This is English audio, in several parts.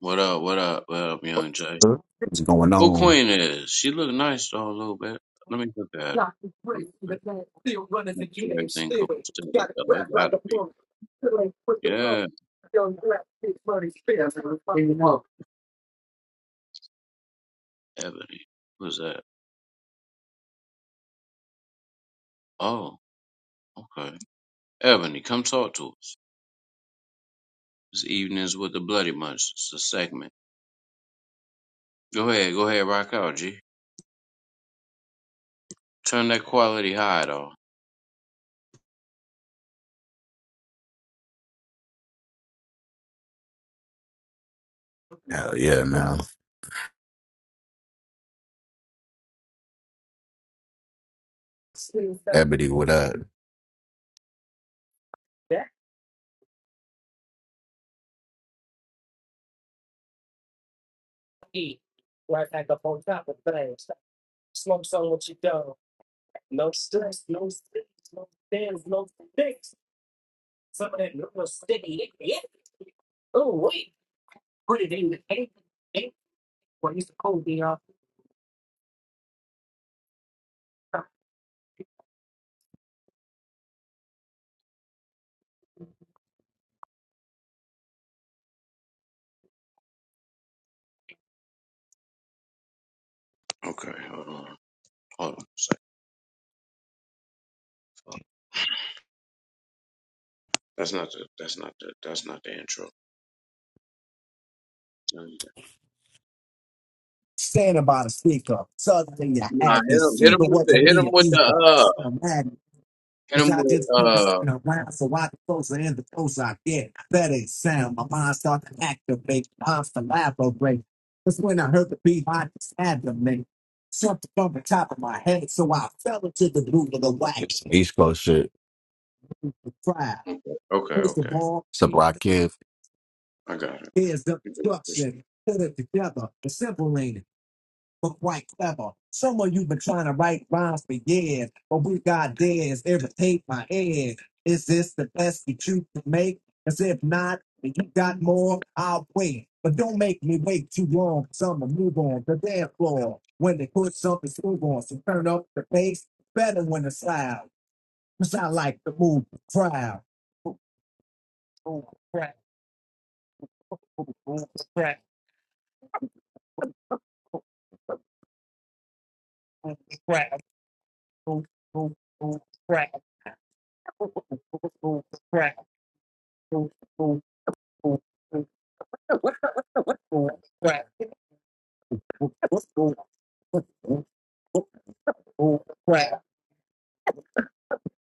What up? What up? What up, Young Jay? What's going Who on? Queen is? She look nice though a little bit. Let me look at her Hell real quick. Make sure everything copacetic though. It gotta be. Yeah, Ebony. Who's that? Oh, okay. Ebony, come talk to us. This evening's with the Bloody Bunch. It's a segment. Go ahead, go ahead, rock out, G. Turn that quality high though. yeah, man. Ebony, what up? Okay, hold on. Hold on a sec. Hold on. That's not the that's not the that's not the intro. Stand about a speaker. Suddenly I Nah, hit had this him hit him speaker. with the wasn't hit me him a with the speaker? uh Someone mad me. Hit 'cause him I with just couldn't uh stand around. So I get closer and the closer I get. That ain't sound. My mind start to activate. Arms to elaborate. That's when I heard the beat. I just had to make something from the top of my head. So I fell into the groove of the wax. It's some East Coast shit. Fry. Okay, First of okay, all, It's a block kid. I got here's the it. destruction. Put it together. The simple ain't it? were quite clever. Some of you been trying to write rhymes for years, but we got theirs. Irritate my head. Is this the best that you can make? As if not, and you got more, I'll wait. But don't make me wait too long, cause I'ma move on the dance floor. When they put something smooth on, so turn up the bass, better when it's loud. Cause I like to move the crowd. Move the crowd, move the crowd, crowd, move, move, move the crowd, move, move, move the crowd, move, move, move. move. Yeah, I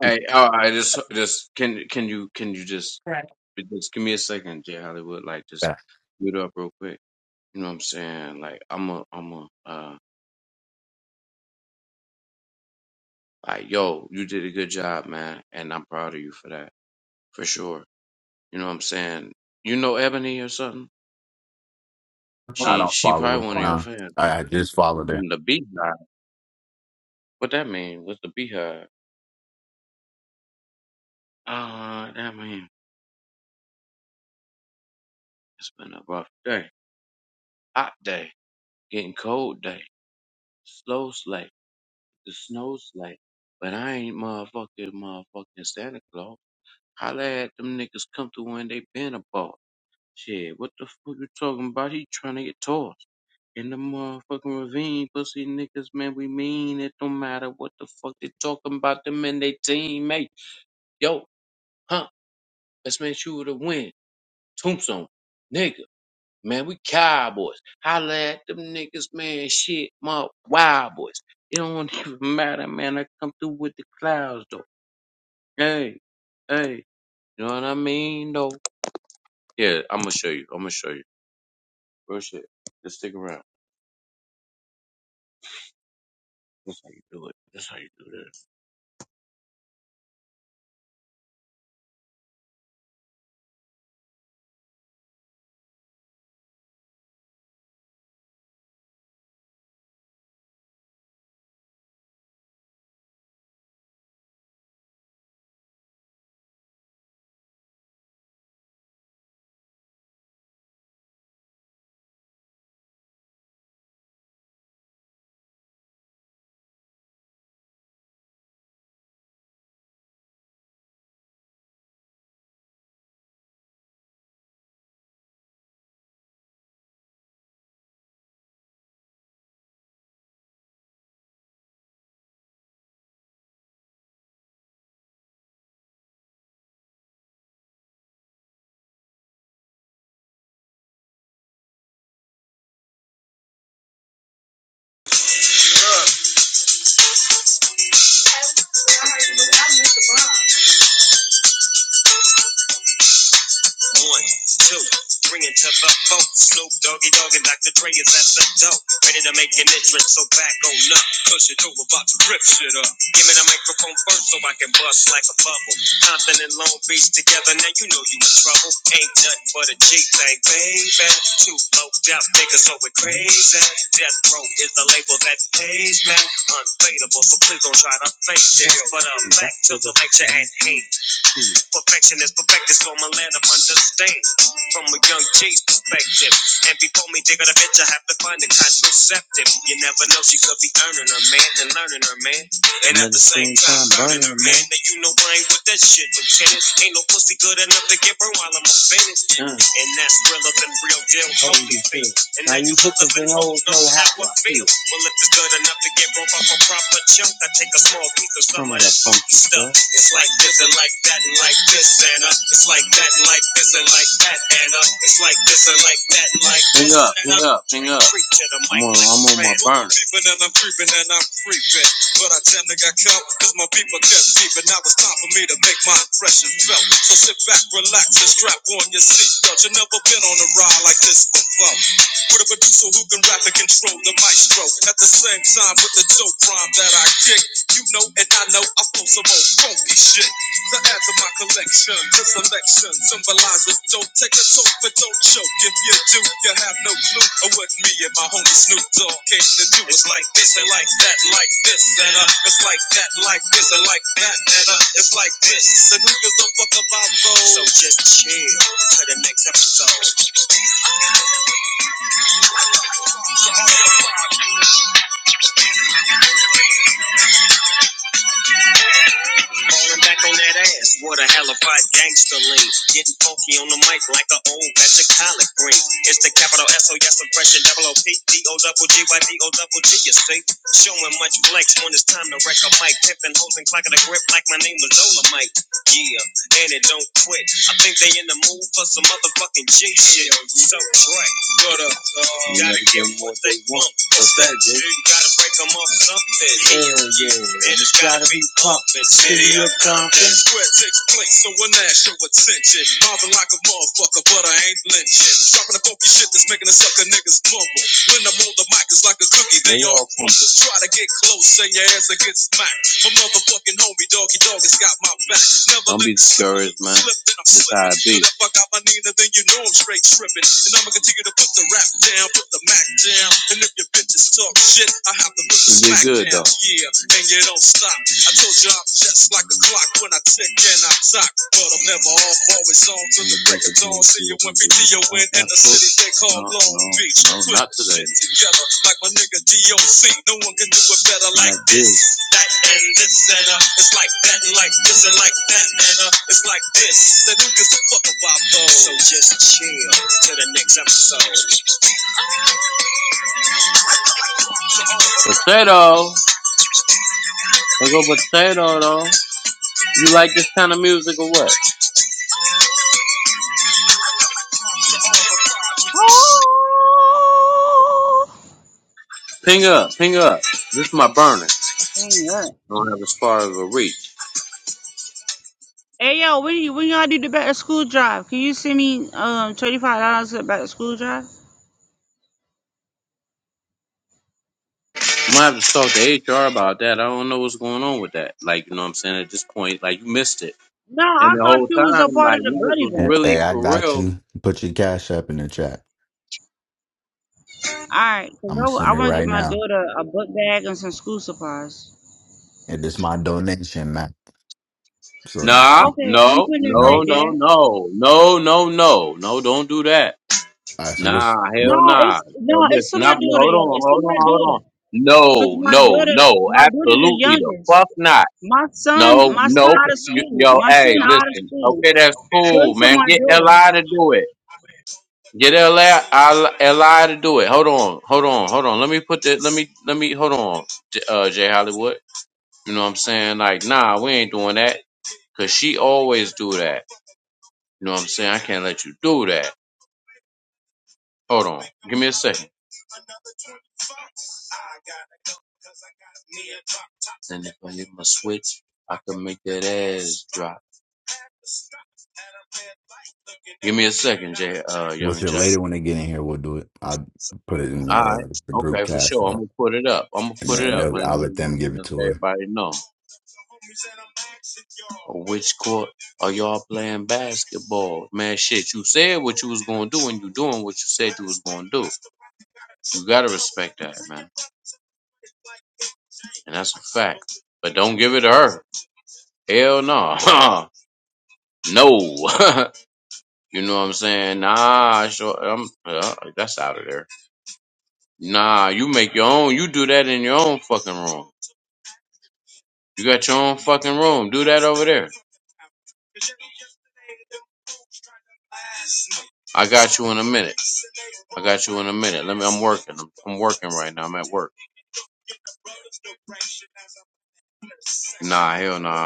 Hey, all right, just just can can you can you just just give me a second, Jay Hollywood? Like, just mute up real quick. You know what I'm saying? Like, I'm a I'm a uh like yo, you did a good job, man, and I'm proud of you for that for sure. You know what I'm saying? You know Ebony or something? She don't she follow it. probably one of your No, fans. I I just followed it. From the beehive. What that mean? What's the beehive? Uh, that mean it's been a rough day, hot day, getting cold day. Slow slide, The snow slide, But I ain't motherfucking motherfucking Santa Claus. Holla at them niggas come through when they been a about. Shit, what the fuck you talking about? He trying to get tossed. In the motherfucking ravine, pussy niggas, man, we mean it don't matter what the fuck they talking about them and they teammates. Yo, huh, let's make sure to win. Tombstone, nigga. Man, we cowboys. Holla at them niggas, man. Shit, my wild boys. It don't even matter, man. I come through with the clouds, though. Hey, hey. You know what I mean, though? Yeah, I'm gonna show you. I'm gonna show you. Real shit. Just stick around. That's how you do it. That's how you do this. One, two, three into the four. Snoop Doggy Dogg and Dr. Dre is at the door. Ready to make an entrance, so back on up. Push it over, about to rip shit up. Give me the microphone first so I can bust like a bubble. Compton and Long Beach together, now you know you in trouble. Ain't nothing but a G thing, baby. Too low death niggas, so we're crazy. Death Row is the label that pays me. Unfadable, so please don't try to fake this. But I'm back to the lecture at hand. Perfection is perfected, so my land of understand from a young G's perspective. And before me dig out a bitch, I have to find a contraceptive. You never know, she could be earning her man and learning her man. And at the same time, burning her man. Now you know I ain't with that shit, Lieutenant. Ain't no pussy good enough to get burned while I'm offended. Uh. And that's realer than real deal. How you feel? And now you hookers and hoes know how I feel. Well, if it's good enough to get broke off a proper chunk, I take a small piece of some of that funky stuff. It's like this and like that and like this, Anna. It's like that and like this and like that, Anna. It's like this and like that and like this. Hang up, hang up, hang up. I'm on, I'm on my burner. I'm creeping and I'm creeping. But I tend to get killed because my people kept leaving. Now it's time for me to make my impression felt. So sit back, relax, and strap on your seatbelt. you never been on a ride like this before. With a producer who can rap and control the maestro. At the same time, with the dope rhyme that I kick, you know and I know I flow some old funky shit. To add to my collection, this selection symbolizes dope. Take a toke, but don't choke. If you do, you have no clue of what me and my homie Snoop Dogg came to do. It's like this and like that, like this and uh, it's like that, like this and like that and uh, it's like this. The who don't fuck about those? So just chill to the next episode. Falling back on that ass, what a hella of gangster lean. Getting funky on the mic like an old batch of collard green. It's the capital S O S impression, double O P D O double G Y D O double G. You see, showing much flex when it's time to wreck a mic, pimping hoes and clocking a grip like my name was Ola Mike. Yeah, and it don't quit. I think they in the mood for some motherfucking G shit. So right, but uh, gotta get what they want. What's that, Jay? You gotta break 'em off something. Hell yeah. And it's gotta be pumping. City of Compton. square takes place, so one ass show attention. Marvin like a motherfucker, but I ain't lynching. Dropping the funky shit that's making the sucker niggas mumble. When I'm on the mic, it's like a cookie, They they all all Try to get close, and your ass will get smacked. My motherfucking homie, doggy dog, has got my back. Never Don't be discouraged, man. This how it be. if I got my Nina, then you know I'm straight tripping. And I'ma continue to put the rap down, put the Mac down. And if your bitches talk shit, I have to put the smack good, down. though. Yeah, and you don't stop. I told you I'm just like a clock when I tick and I talk. But I'm never off, always on till the break of dawn. See you when video in, in the city they call no, Long no, Beach. No, not today. Together like my nigga DOC. No one can do it better like, like this that and this and uh, it's like that and like this and like that and uh, it's like this. So who gives a fuck about those? So just chill till the next episode. Potato, there go potato though. You like this kind of music or what? Oh, Ping up, ping up. This is my burner. Amen. I Don't have as far as a reach. Hey yo, when you when y'all do the back to school drive, can you send me um twenty five dollars for the back to school drive? I'm gonna have to talk to HR about that. I don't know what's going on with that. Like, you know what I'm saying? At this point, like, you missed it. No, And I the thought whole you was a time, part of like, the niggas Bloody was And- Bunch. really Hey, I for got real you. Put your cash up in the chat. All right, 'cause I'm gonna send I, it want to get right my now. daughter a book bag and some school supplies. And this my donation, man. So just Nah, keep Okay, I'm no, putting it right no, no. no, there. no, no, no, no, no, don't do that. All right. So Nah, what's No, what? hell nah. it's Uh, no, listen, it's for nah, my daughter, hold yo. on, It's for hold on, my hold on. daughter, cause No, my no, daughter, no, my daughter the absolutely the youngest. fuck not. My son, No, my son no, out of you, school. yo, My son hey, out of listen. school. Okay, that's So cool, it's for man. my Get daughter. Li to do it. Get Li, Li to do it. Hold on, hold on, hold on. Let me put the, let me, let me, hold on, J- uh, Jay Hollywood. You know what I'm saying? Like, nah, we ain't doing that. Cause she always do that. You know what I'm saying? I can't let you do that. Hold on. Give me a second. And if I hit my switch, I can make that ass drop. Give me a second, Jay, uh, What's young your Jay. later when they get in here? We'll do it. I'll put it in All right. the, the group Okay, for cash sure. I'm app, going to put it up. I'm going to and put it then up. they'll- Man. I'll let You them give it know, to her. everybody know. Which court are y'all playing basketball? Man, shit, you said what you was going to do and you doing what you said you was going to do. You got to respect that, man. And that's a fact. But don't give it to her. Hell no. no. You know what I'm saying? Nah, sure. I'm, uh, that's out of there. Nah, you make your own. You do that in your own fucking room. You got your own fucking room. Do that over there. I got you in a minute. I got you in a minute. Let me. I'm working. I'm, I'm working right now. I'm at work. Nah, hell no.